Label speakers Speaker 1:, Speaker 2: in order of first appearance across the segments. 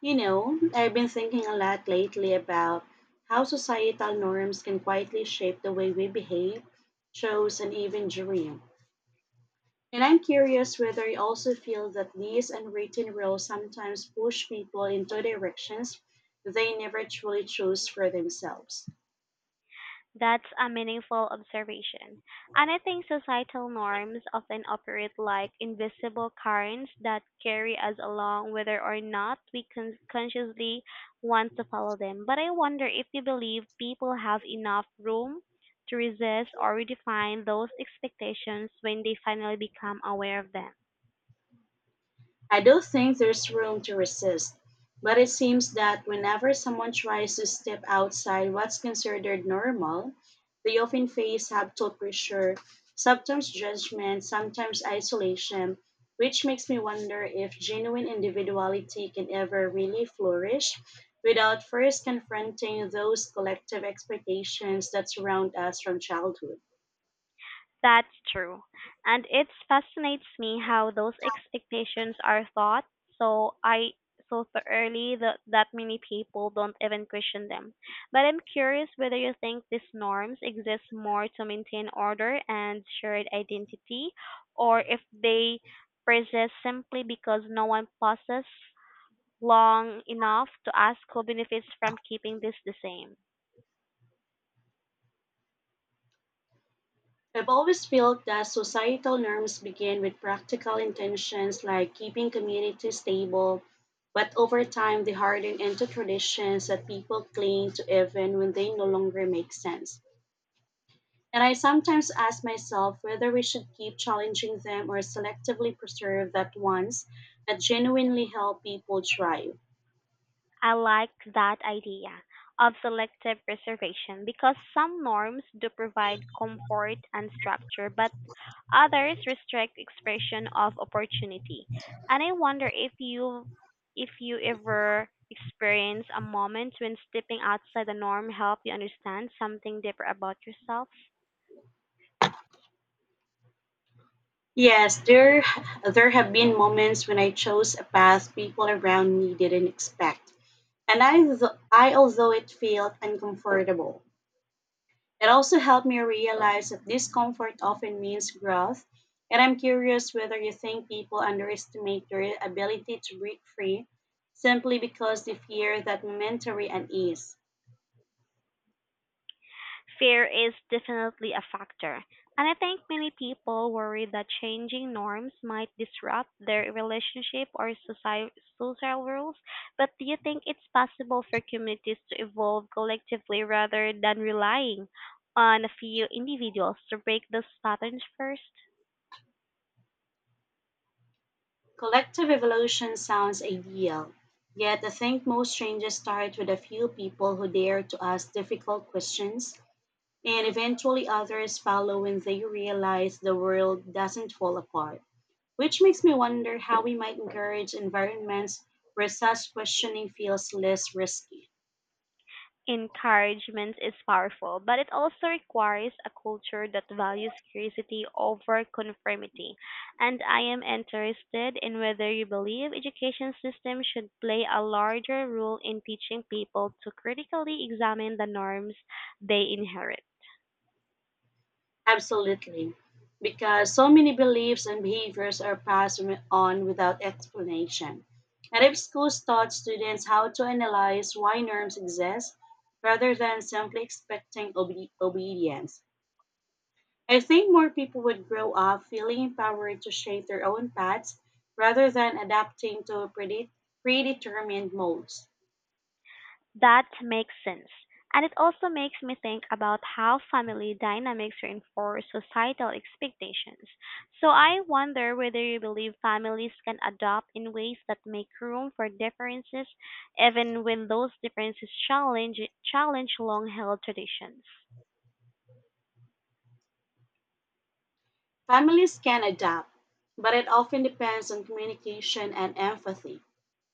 Speaker 1: I've been thinking a lot lately about how societal norms can quietly shape the way we behave, chose, and even dream. And I'm curious whether you also feel that these unwritten rules sometimes push people into directions they never truly chose for themselves.
Speaker 2: That's a meaningful observation. And I think societal norms often operate like invisible currents that carry us along whether or not we consciously want to follow them. But I wonder if you believe people have enough room to resist or redefine those expectations when they finally become aware of them.
Speaker 1: I do think there's room to resist, but it seems that whenever someone tries to step outside what's considered normal, they often face subtle pressure, sometimes judgment, sometimes isolation, which makes me wonder if genuine individuality can ever really flourish without first confronting those collective expectations that surround us from childhood.
Speaker 2: That's true. And it fascinates me how those expectations are thought so I so thoroughly that many people don't even question them. But I'm curious whether you think these norms exist more to maintain order and shared identity, or if they persist simply because no one pauses long enough to ask who benefits from keeping this the same.
Speaker 1: I've always felt that societal norms begin with practical intentions like keeping communities stable, but over time they harden into traditions that people cling to even when they no longer make sense. And I sometimes ask myself whether we should keep challenging them or selectively preserve that ones that genuinely help people thrive.
Speaker 2: I like that idea of selective preservation, because some norms do provide comfort and structure, but others restrict expression of opportunity. And I wonder if you ever experience a moment when stepping outside the norm helped you understand something deeper about yourself.
Speaker 1: Yes, there have been moments when I chose a path people around me didn't expect. And I, although it felt uncomfortable, it also helped me realize that discomfort often means growth. And I'm curious whether you think people underestimate their ability to break free simply because they fear that momentary unease.
Speaker 2: Fear is definitely a factor, and I think many people worry that changing norms might disrupt their relationship or social rules. But do you think it's possible for communities to evolve collectively rather than relying on a few individuals to break those patterns first?
Speaker 1: Collective evolution sounds ideal, yet I think most changes start with a few people who dare to ask difficult questions, and eventually others follow when they realize the world doesn't fall apart, which makes me wonder how we might encourage environments where such questioning feels less risky.
Speaker 2: Encouragement is powerful, but it also requires a culture that values curiosity over conformity. And I am interested in whether you believe education systems should play a larger role in teaching people to critically examine the norms they inherit.
Speaker 1: Absolutely, because so many beliefs and behaviors are passed on without explanation. And if schools taught students how to analyze why norms exist rather than simply expecting obedience, I think more people would grow up feeling empowered to shape their own paths rather than adapting to predetermined molds.
Speaker 2: That makes sense. And it also makes me think about how family dynamics reinforce societal expectations. So I wonder whether you believe families can adopt in ways that make room for differences, even when those differences challenge long held traditions.
Speaker 1: Families can adapt, but it often depends on communication and empathy.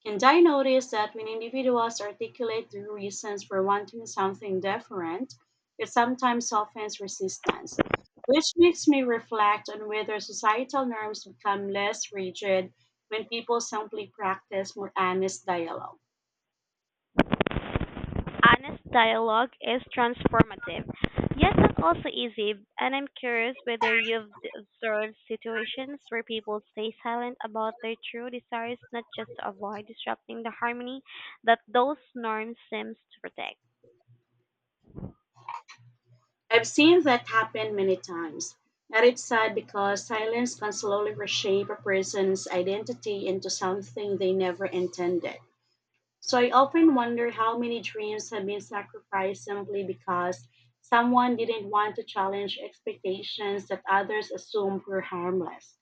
Speaker 1: And I notice that when individuals articulate the reasons for wanting something different, it sometimes softens resistance, which makes me reflect on whether societal norms become less rigid when people simply practice more honest dialogue.
Speaker 2: Honest dialogue is transformative, yet not also easy. And I'm curious whether observed situations where people stay silent about their true desires, not just to avoid disrupting the harmony that those norms seems to protect.
Speaker 1: I've seen that happen many times. And it's sad because silence can slowly reshape a person's identity into something they never intended. So I often wonder how many dreams have been sacrificed simply because someone didn't want to challenge expectations that others assumed were harmless.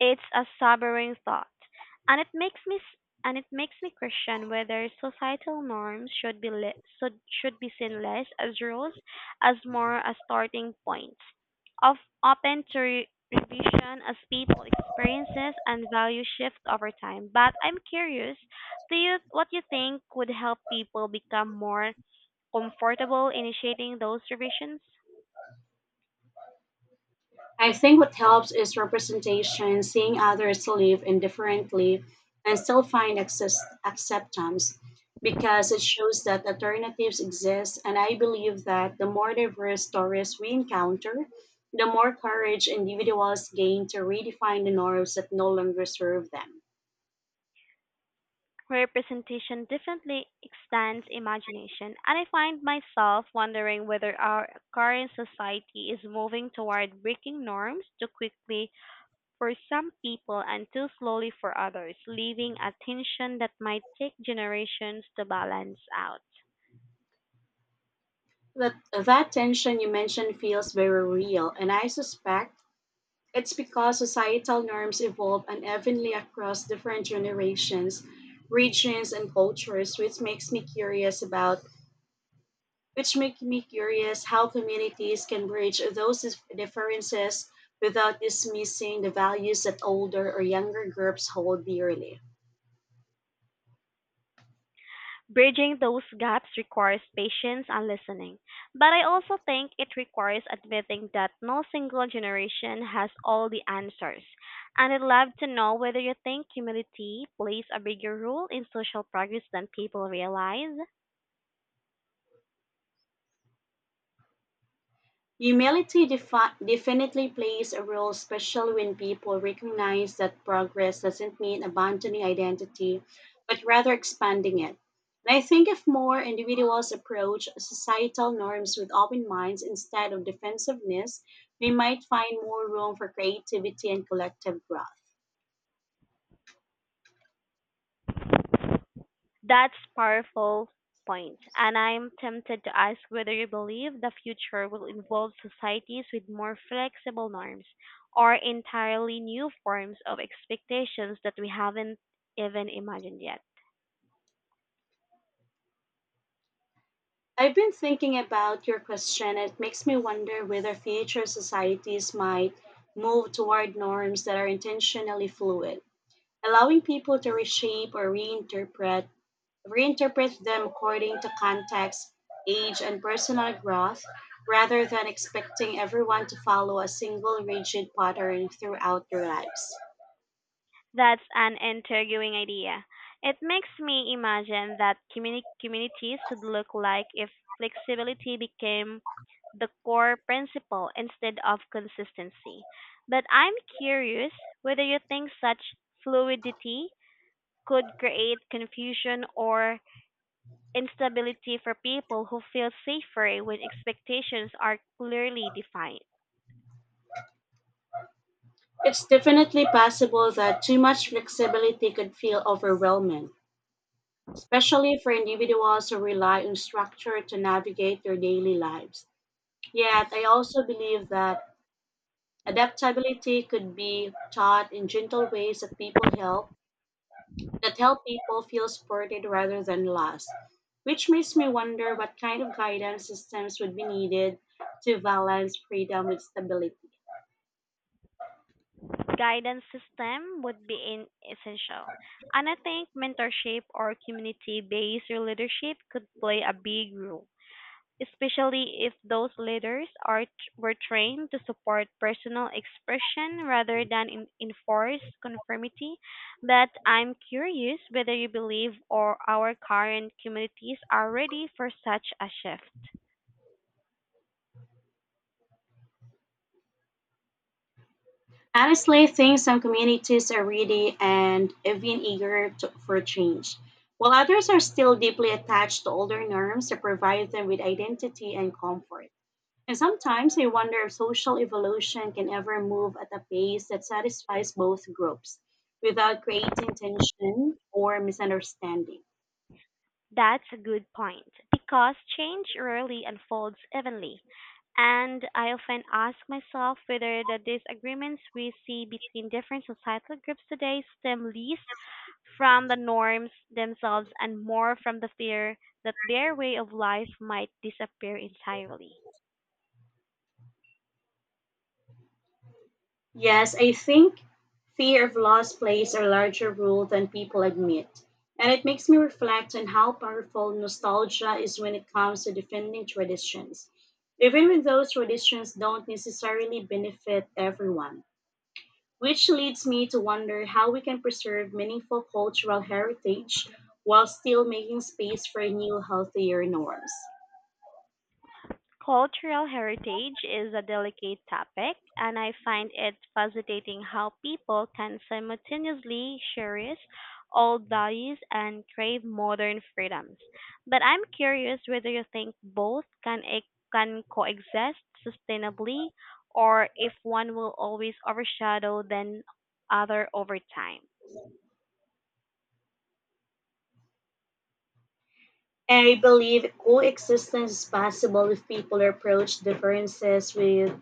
Speaker 2: It's a sobering thought, and it makes me question whether societal norms should be seen less as rules as more as starting points, of open to revision as people experiences and value shift over time. But I'm curious, do you what you think would help people become more comfortable initiating those revisions?
Speaker 1: I think what helps is representation, seeing others live indifferently and still find access, acceptance, because it shows that alternatives exist. And I believe that the more diverse stories we encounter, the more courage individuals gain to redefine the norms that no longer serve them.
Speaker 2: Representation definitely extends imagination, and I find myself wondering whether our current society is moving toward breaking norms too quickly for some people and too slowly for others, leaving a tension that might take generations to balance out.
Speaker 1: That, that tension you mentioned feels very real, and I suspect it's because societal norms evolve unevenly across different generations, regions, and cultures, which make me curious how communities can bridge those differences without dismissing the values that older or younger groups hold dearly.
Speaker 2: Bridging those gaps requires patience and listening, but I also think it requires admitting that no single generation has all the answers. And I'd love to know whether you think humility plays a bigger role in social progress than people realize.
Speaker 1: Humility definitely plays a role, especially when people recognize that progress doesn't mean abandoning identity, but rather expanding it. And I think if more individuals approach societal norms with open minds instead of defensiveness, we might find more room for creativity and collective growth.
Speaker 2: That's powerful point, and I'm tempted to ask whether you believe the future will involve societies with more flexible norms or entirely new forms of expectations that we haven't even imagined yet.
Speaker 1: I've been thinking about your question. It makes me wonder whether future societies might move toward norms that are intentionally fluid, allowing people to reshape or reinterpret them according to context, age, and personal growth, rather than expecting everyone to follow a single rigid pattern throughout their lives.
Speaker 2: That's an intriguing idea. It makes me imagine that communities would look like if flexibility became the core principle instead of consistency. But I'm curious whether you think such fluidity could create confusion or instability for people who feel safer when expectations are clearly defined.
Speaker 1: It's definitely possible that too much flexibility could feel overwhelming, especially for individuals who rely on structure to navigate their daily lives. Yet, I also believe that adaptability could be taught in gentle ways that help people feel supported rather than lost, which makes me wonder what kind of guidance systems would be needed to balance freedom with stability.
Speaker 2: Guidance system would be in essential. And I think mentorship or community based leadership could play a big role, especially if those leaders are were trained to support personal expression rather than enforce conformity. But I'm curious whether you believe or our current communities are ready for such a shift.
Speaker 1: Honestly, I think some communities are ready and even eager for change, while others are still deeply attached to older norms that provide them with identity and comfort. And sometimes I wonder if social evolution can ever move at a pace that satisfies both groups without creating tension or misunderstanding.
Speaker 2: That's a good point, because change rarely unfolds evenly. And I often ask myself whether the disagreements we see between different societal groups today stem least from the norms themselves and more from the fear that their way of life might disappear entirely.
Speaker 1: Yes, I think fear of loss plays a larger role than people admit. And it makes me reflect on how powerful nostalgia is when it comes to defending traditions, even when those traditions don't necessarily benefit everyone. Which leads me to wonder how we can preserve meaningful cultural heritage while still making space for new, healthier norms.
Speaker 2: Cultural heritage is a delicate topic, and I find it fascinating how people can simultaneously cherish old values and crave modern freedoms. But I'm curious whether you think both can coexist sustainably, or if one will always overshadow the other over time.
Speaker 1: I believe coexistence is possible if people approach differences with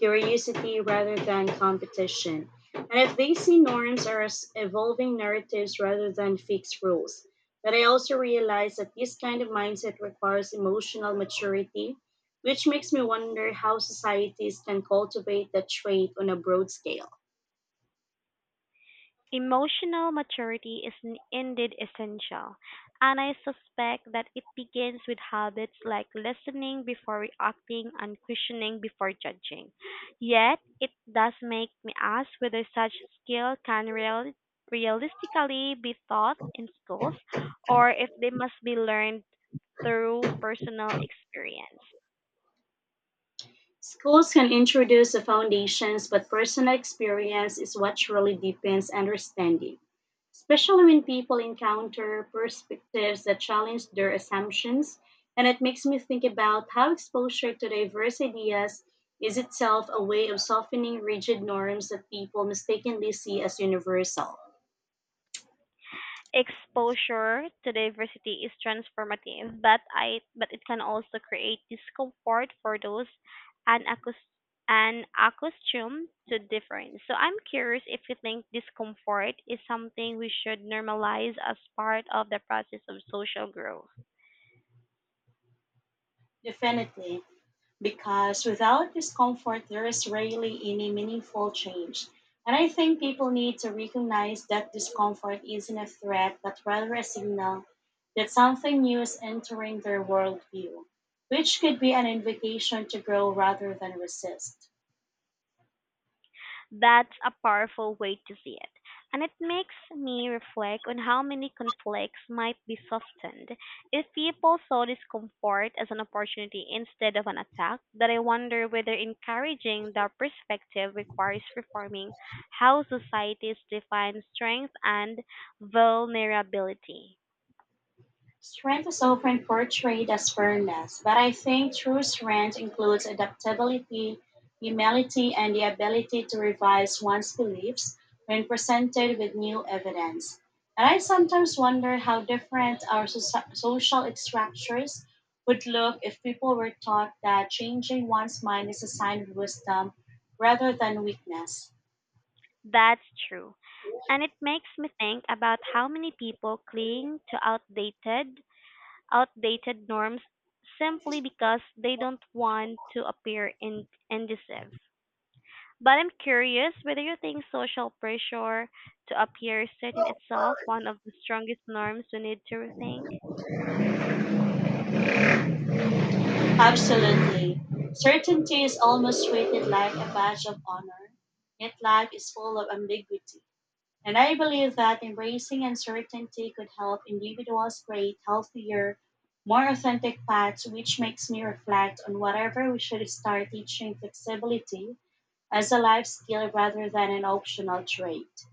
Speaker 1: curiosity rather than competition, and if they see norms as evolving narratives rather than fixed rules. But I also realize that this kind of mindset requires emotional maturity, which makes me wonder how societies can cultivate that trait on a broad scale.
Speaker 2: Emotional maturity is indeed essential, and I suspect that it begins with habits like listening before reacting and questioning before judging. Yet, it does make me ask whether such skill realistically be taught in schools or if they must be learned through personal experience.
Speaker 1: Schools can introduce the foundations, but personal experience is what truly deepens understanding, especially when people encounter perspectives that challenge their assumptions. And it makes me think about how exposure to diverse ideas is itself a way of softening rigid norms that people mistakenly see as universal.
Speaker 2: Exposure to diversity is transformative, but it can also create discomfort for those unaccus- unaccustomed to difference. So I'm curious if you think discomfort is something we should normalize as part of the process of social growth.
Speaker 1: Definitely, because without discomfort, there is rarely any meaningful change. And I think people need to recognize that discomfort isn't a threat, but rather a signal that something new is entering their worldview, which could be an invitation to grow rather than resist.
Speaker 2: That's a powerful way to see it, and it makes me reflect on how many conflicts might be softened if people saw discomfort as an opportunity instead of an attack. That I wonder whether encouraging that perspective requires reforming how societies define strength and vulnerability.
Speaker 1: Strength is often portrayed as firmness, but I think true strength includes adaptability, humility, and the ability to revise one's beliefs when presented with new evidence. And I sometimes wonder how different our social structures would look if people were taught that changing one's mind is a sign of wisdom rather than weakness.
Speaker 2: That's true, and it makes me think about how many people cling to outdated norms simply because they don't want to appear indecisive. But I'm curious whether you think social pressure to appear certain itself one of the strongest norms we need to rethink.
Speaker 1: Absolutely. Certainty is almost treated like a badge of honor, yet life is full of ambiguity. And I believe that embracing uncertainty could help individuals create healthier, more authentic paths, which makes me reflect on whatever we should start teaching flexibility as a life skill rather than an optional trait.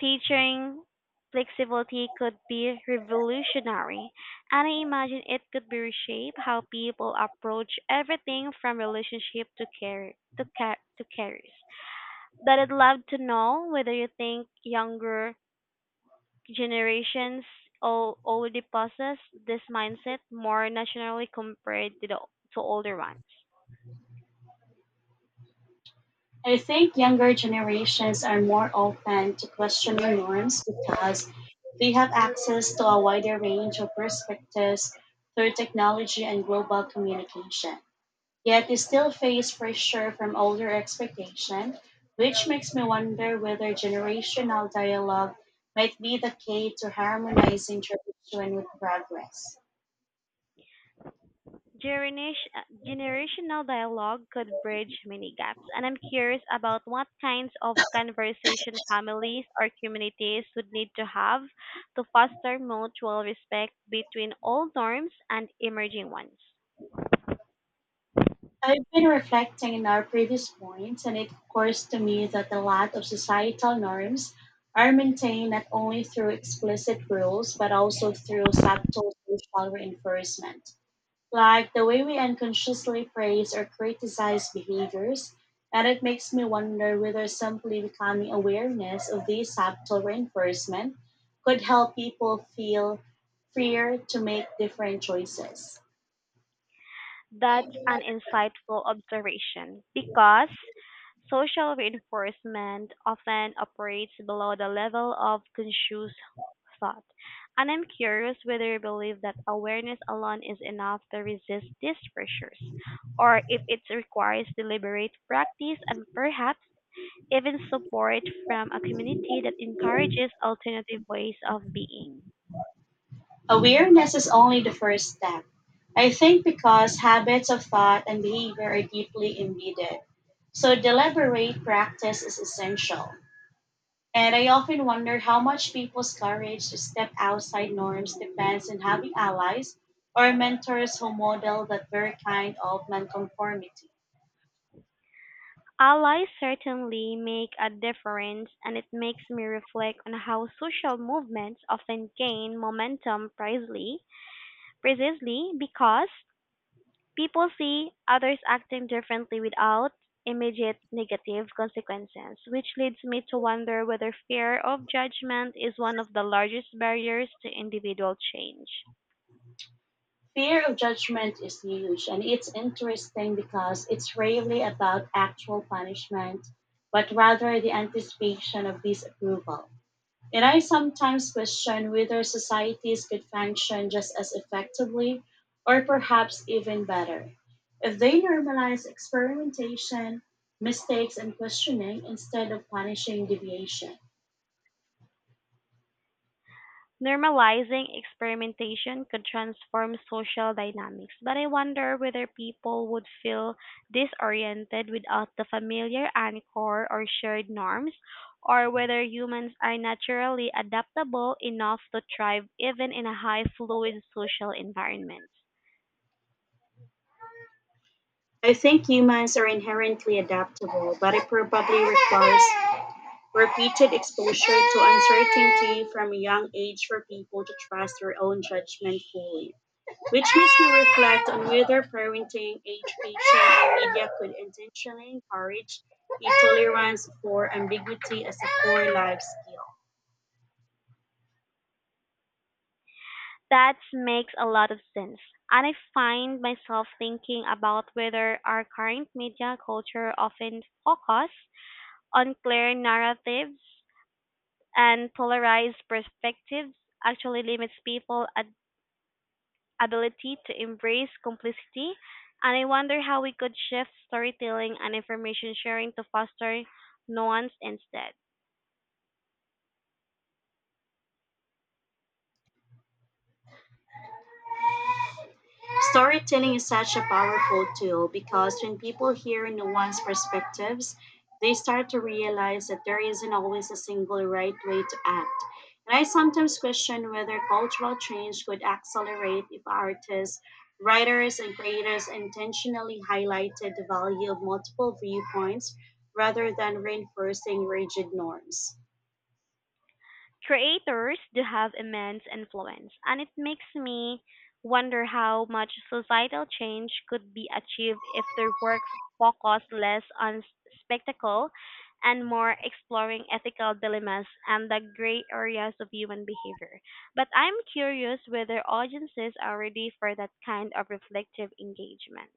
Speaker 2: Teaching flexibility could be revolutionary, and I imagine it could be reshape how people approach everything from relationship to care to careers. But I'd love to know whether you think younger generations already possess this mindset more nationally compared to the to older ones.
Speaker 1: I think younger generations are more open to questioning norms because they have access to a wider range of perspectives through technology and global communication. Yet they still face pressure from older expectation, which makes me wonder whether generational dialogue might be the key to harmonizing tradition with progress.
Speaker 2: Generation, Generational dialogue could bridge many gaps, and I'm curious about what kinds of conversation families or communities would need to have to foster mutual respect between old norms and emerging ones.
Speaker 1: I've been reflecting on our previous points, and it occurs to me that a lot of societal norms are maintained not only through explicit rules but also through subtle social reinforcement, like the way we unconsciously praise or criticize behaviors. And it makes me wonder whether simply becoming awareness of these subtle reinforcement could help people feel freer to make different choices.
Speaker 2: That's an insightful observation, because social reinforcement often operates below the level of conscious thought. And I'm curious whether you believe that awareness alone is enough to resist these pressures, or if it requires deliberate practice and perhaps even support from a community that encourages alternative ways of being.
Speaker 1: Awareness is only the first step, I think, because habits of thought and behavior are deeply embedded. So deliberate practice is essential. And I often wonder how much people's courage to step outside norms depends on having allies or mentors who model that very kind of nonconformity.
Speaker 2: Allies certainly make a difference, and it makes me reflect on how social movements often gain momentum precisely because people see others acting differently without immediate negative consequences, which leads me to wonder whether fear of judgment is one of the largest barriers to individual change.
Speaker 1: Fear of judgment is huge, and it's interesting because it's rarely about actual punishment, but rather the anticipation of disapproval. And I sometimes question whether societies could function just as effectively, or perhaps even better, if they normalize experimentation, mistakes, and questioning instead of punishing deviation.
Speaker 2: Normalizing experimentation could transform social dynamics, but I wonder whether people would feel disoriented without the familiar anchor or shared norms, or whether humans are naturally adaptable enough to thrive even in a high fluid social environment.
Speaker 1: I think humans are inherently adaptable, but it probably requires repeated exposure to uncertainty from a young age for people to trust their own judgment fully, which makes me reflect on whether parenting education and media could intentionally encourage a tolerance for ambiguity as a core life skill.
Speaker 2: That makes a lot of sense. And I find myself thinking about whether our current media culture often focus on clear narratives and polarized perspectives actually limits people's ability to embrace complicity. And I wonder how we could shift storytelling and information sharing to foster nuance instead.
Speaker 1: Storytelling is such a powerful tool because when people hear nuanced perspectives, they start to realize that there isn't always a single right way to act. And I sometimes question whether cultural change could accelerate if artists, writers, and creators intentionally highlighted the value of multiple viewpoints rather than reinforcing rigid norms.
Speaker 2: Creators do have immense influence, and it makes me wonder how much societal change could be achieved if their work focused less on spectacle and more exploring ethical dilemmas and the gray areas of human behavior. But I'm curious whether audiences are ready for that kind of reflective engagement.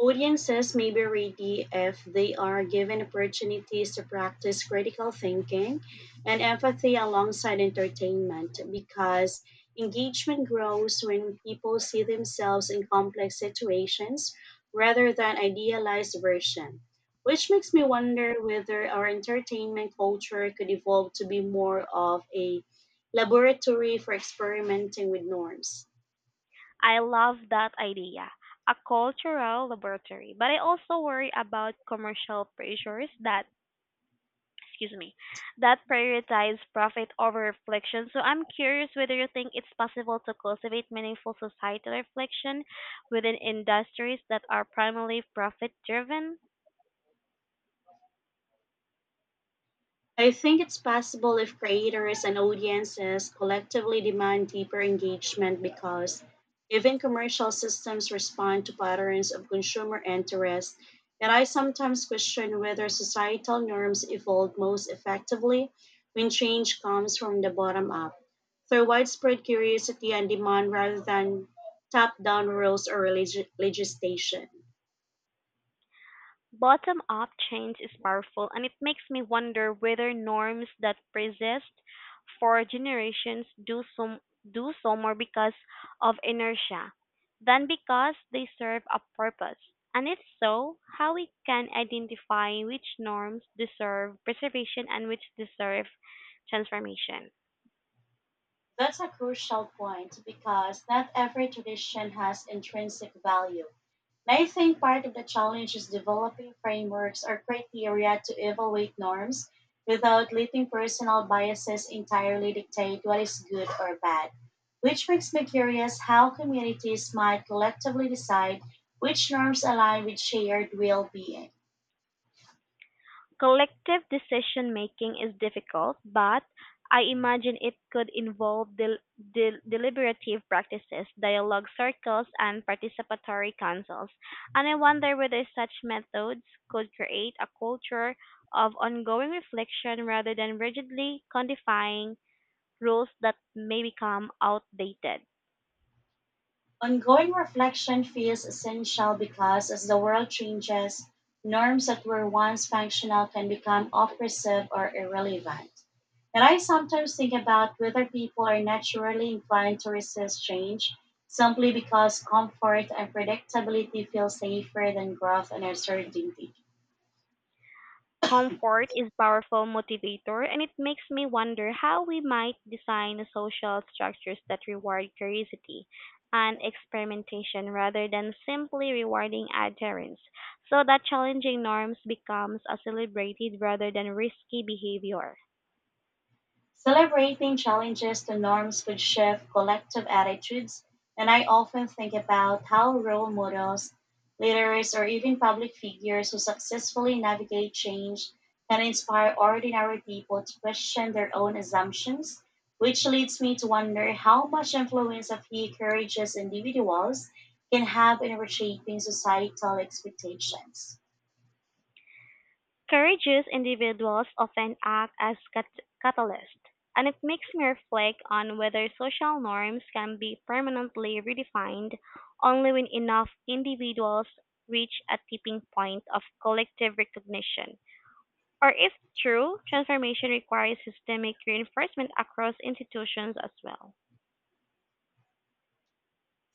Speaker 1: Audiences may be ready if they are given opportunities to practice critical thinking and empathy alongside entertainment, because engagement grows when people see themselves in complex situations rather than idealized version, which makes me wonder whether our entertainment culture could evolve to be more of a laboratory for experimenting with norms.
Speaker 2: I love that idea, a cultural laboratory, but I also worry about commercial pressures that excuse me, that prioritize profit over reflection. So I'm curious whether you think it's possible to cultivate meaningful societal reflection within industries that are primarily profit driven.
Speaker 1: I think it's possible if creators and audiences collectively demand deeper engagement, because even commercial systems respond to patterns of consumer interest. Yet I sometimes question whether societal norms evolve most effectively when change comes from the bottom up, through widespread curiosity and demand rather than top down rules or legislation.
Speaker 2: Bottom-up change is powerful, and it makes me wonder whether norms that persist for generations do so more because of inertia than because they serve a purpose. And if so, how we can identify which norms deserve preservation and which deserve transformation.
Speaker 1: That's a crucial point, because not every tradition has intrinsic value. And I think part of the challenge is developing frameworks or criteria to evaluate norms without letting personal biases entirely dictate what is good or bad. Which makes me curious how communities might collectively decide which norms align with shared well being.
Speaker 2: Collective decision-making is difficult, but I imagine it could involve deliberative practices, dialogue circles, and participatory councils. And I wonder whether such methods could create a culture of ongoing reflection rather than rigidly codifying rules that may become outdated.
Speaker 1: Ongoing reflection feels essential because as the world changes, norms that were once functional can become oppressive or irrelevant. And I sometimes think about whether people are naturally inclined to resist change simply because comfort and predictability feel safer than growth and uncertainty.
Speaker 2: Comfort is powerful motivator, and it makes me wonder how we might design social structures that reward curiosity and experimentation rather than simply rewarding adherence, so that challenging norms becomes a celebrated rather than risky behavior.
Speaker 1: Celebrating challenges to norms could shift collective attitudes, and I often think about how role models, leaders, or even public figures who successfully navigate change can inspire ordinary people to question their own assumptions, which leads me to wonder how much influence a few courageous individuals can have in reshaping societal expectations.
Speaker 2: Courageous individuals often act as catalysts, and it makes me reflect on whether social norms can be permanently redefined only when enough individuals reach a tipping point of collective recognition, or if true, transformation requires systemic reinforcement across institutions as well.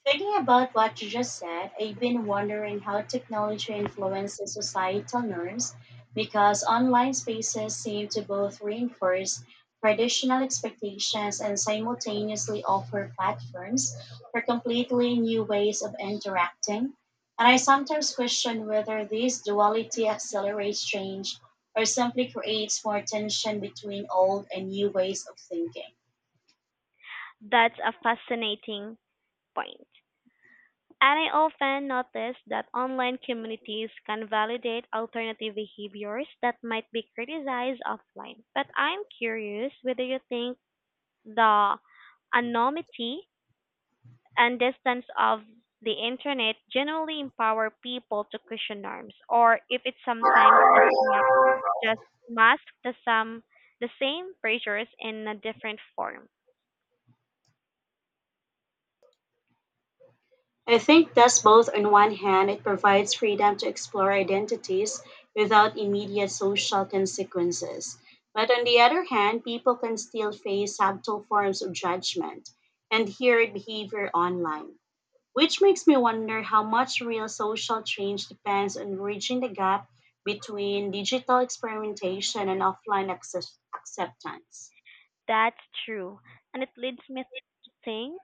Speaker 1: Thinking about what you just said, I've been wondering how technology influences societal norms, because online spaces seem to both reinforce traditional expectations and simultaneously offer platforms for completely new ways of interacting. And I sometimes question whether this duality accelerates change or simply creates more tension between old and new ways of thinking.
Speaker 2: That's a fascinating point. And I often notice that online communities can validate alternative behaviors that might be criticized offline. But I'm curious whether you think the anonymity and distance of the internet generally empower people to question norms, or if it sometimes just masks the same pressures in a different form.
Speaker 1: I think that's both. On one hand, it provides freedom to explore identities without immediate social consequences. But on the other hand, people can still face subtle forms of judgment and heard behavior online, which makes me wonder how much real social change depends on bridging the gap between digital experimentation and offline acceptance.
Speaker 2: That's true, and it leads me to think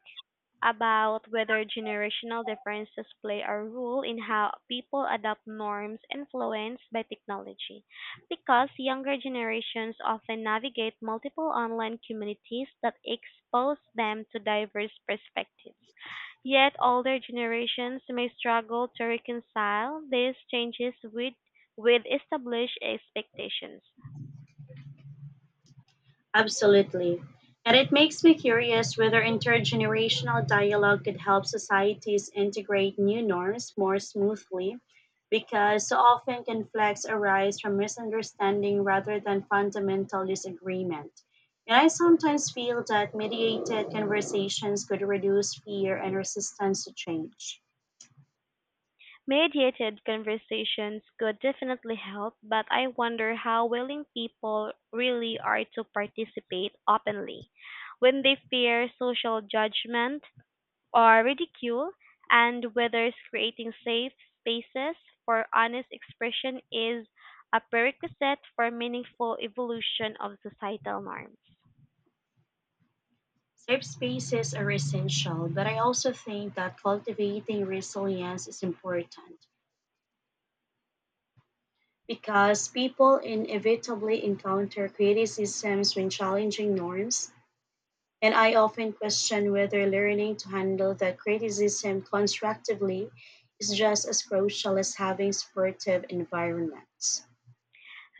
Speaker 2: about whether generational differences play a role in how people adopt norms influenced by technology. Because younger generations often navigate multiple online communities that expose them to diverse perspectives. Yet older generations may struggle to reconcile these changes with established expectations.
Speaker 1: Absolutely. And it makes me curious whether intergenerational dialogue could help societies integrate new norms more smoothly, because so often conflicts arise from misunderstanding rather than fundamental disagreement. And I sometimes feel that mediated conversations could reduce fear and resistance to change.
Speaker 2: Mediated conversations could definitely help, but I wonder how willing people really are to participate openly when they fear social judgment or ridicule, and whether creating safe spaces for honest expression is a prerequisite for meaningful evolution of societal norms.
Speaker 1: Safe spaces are essential, but I also think that cultivating resilience is important, because people inevitably encounter criticisms when challenging norms, and I often question whether learning to handle that criticism constructively is just as crucial as having supportive environments.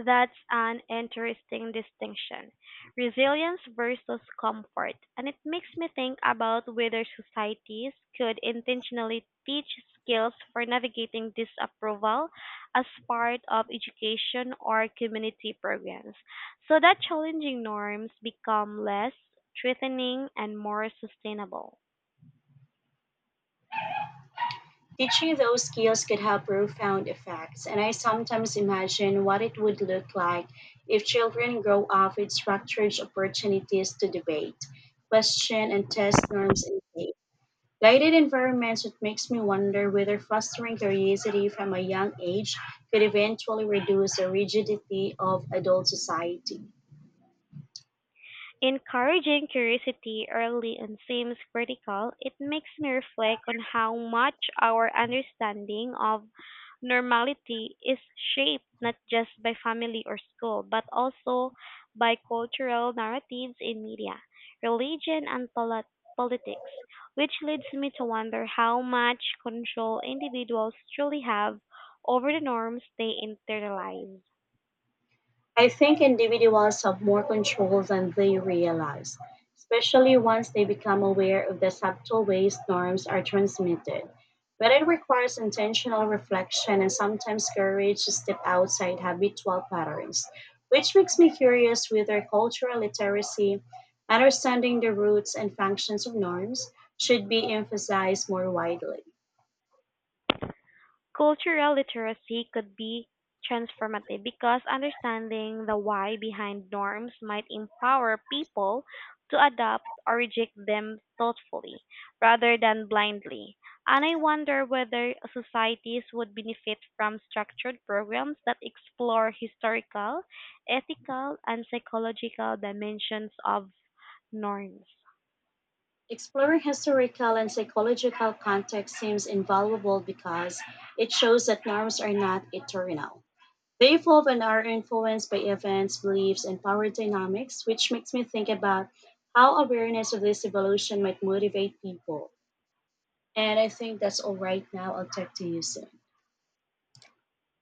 Speaker 2: That's an interesting distinction, resilience versus comfort, and it makes me think about whether societies could intentionally teach skills for navigating disapproval as part of education or community programs, so that challenging norms become less threatening and more sustainable.
Speaker 1: Teaching those skills could have profound effects, and I sometimes imagine what it would look like if children grow up with structured opportunities to debate, question, and test norms in safe guided environments. It makes me wonder whether fostering curiosity from a young age could eventually reduce the rigidity of adult society.
Speaker 2: Encouraging curiosity early on seems critical. It makes me reflect on how much our understanding of normality is shaped not just by family or school, but also by cultural narratives in media, religion, and politics, which leads me to wonder how much control individuals truly have over the norms they internalize.
Speaker 1: I think individuals have more control than they realize, especially once they become aware of the subtle ways norms are transmitted. But it requires intentional reflection and sometimes courage to step outside habitual patterns, which makes me curious whether cultural literacy, understanding the roots and functions of norms, should be emphasized more widely.
Speaker 2: Cultural literacy could be transformative, because understanding the why behind norms might empower people to adopt or reject them thoughtfully rather than blindly. And I wonder whether societies would benefit from structured programs that explore historical, ethical, and psychological dimensions of norms.
Speaker 1: Exploring historical and psychological context seems invaluable, because it shows that norms are not eternal. They evolve and are influenced by events, beliefs, and power dynamics, which makes me think about how awareness of this evolution might motivate people. And I think that's all right now. I'll talk to you soon.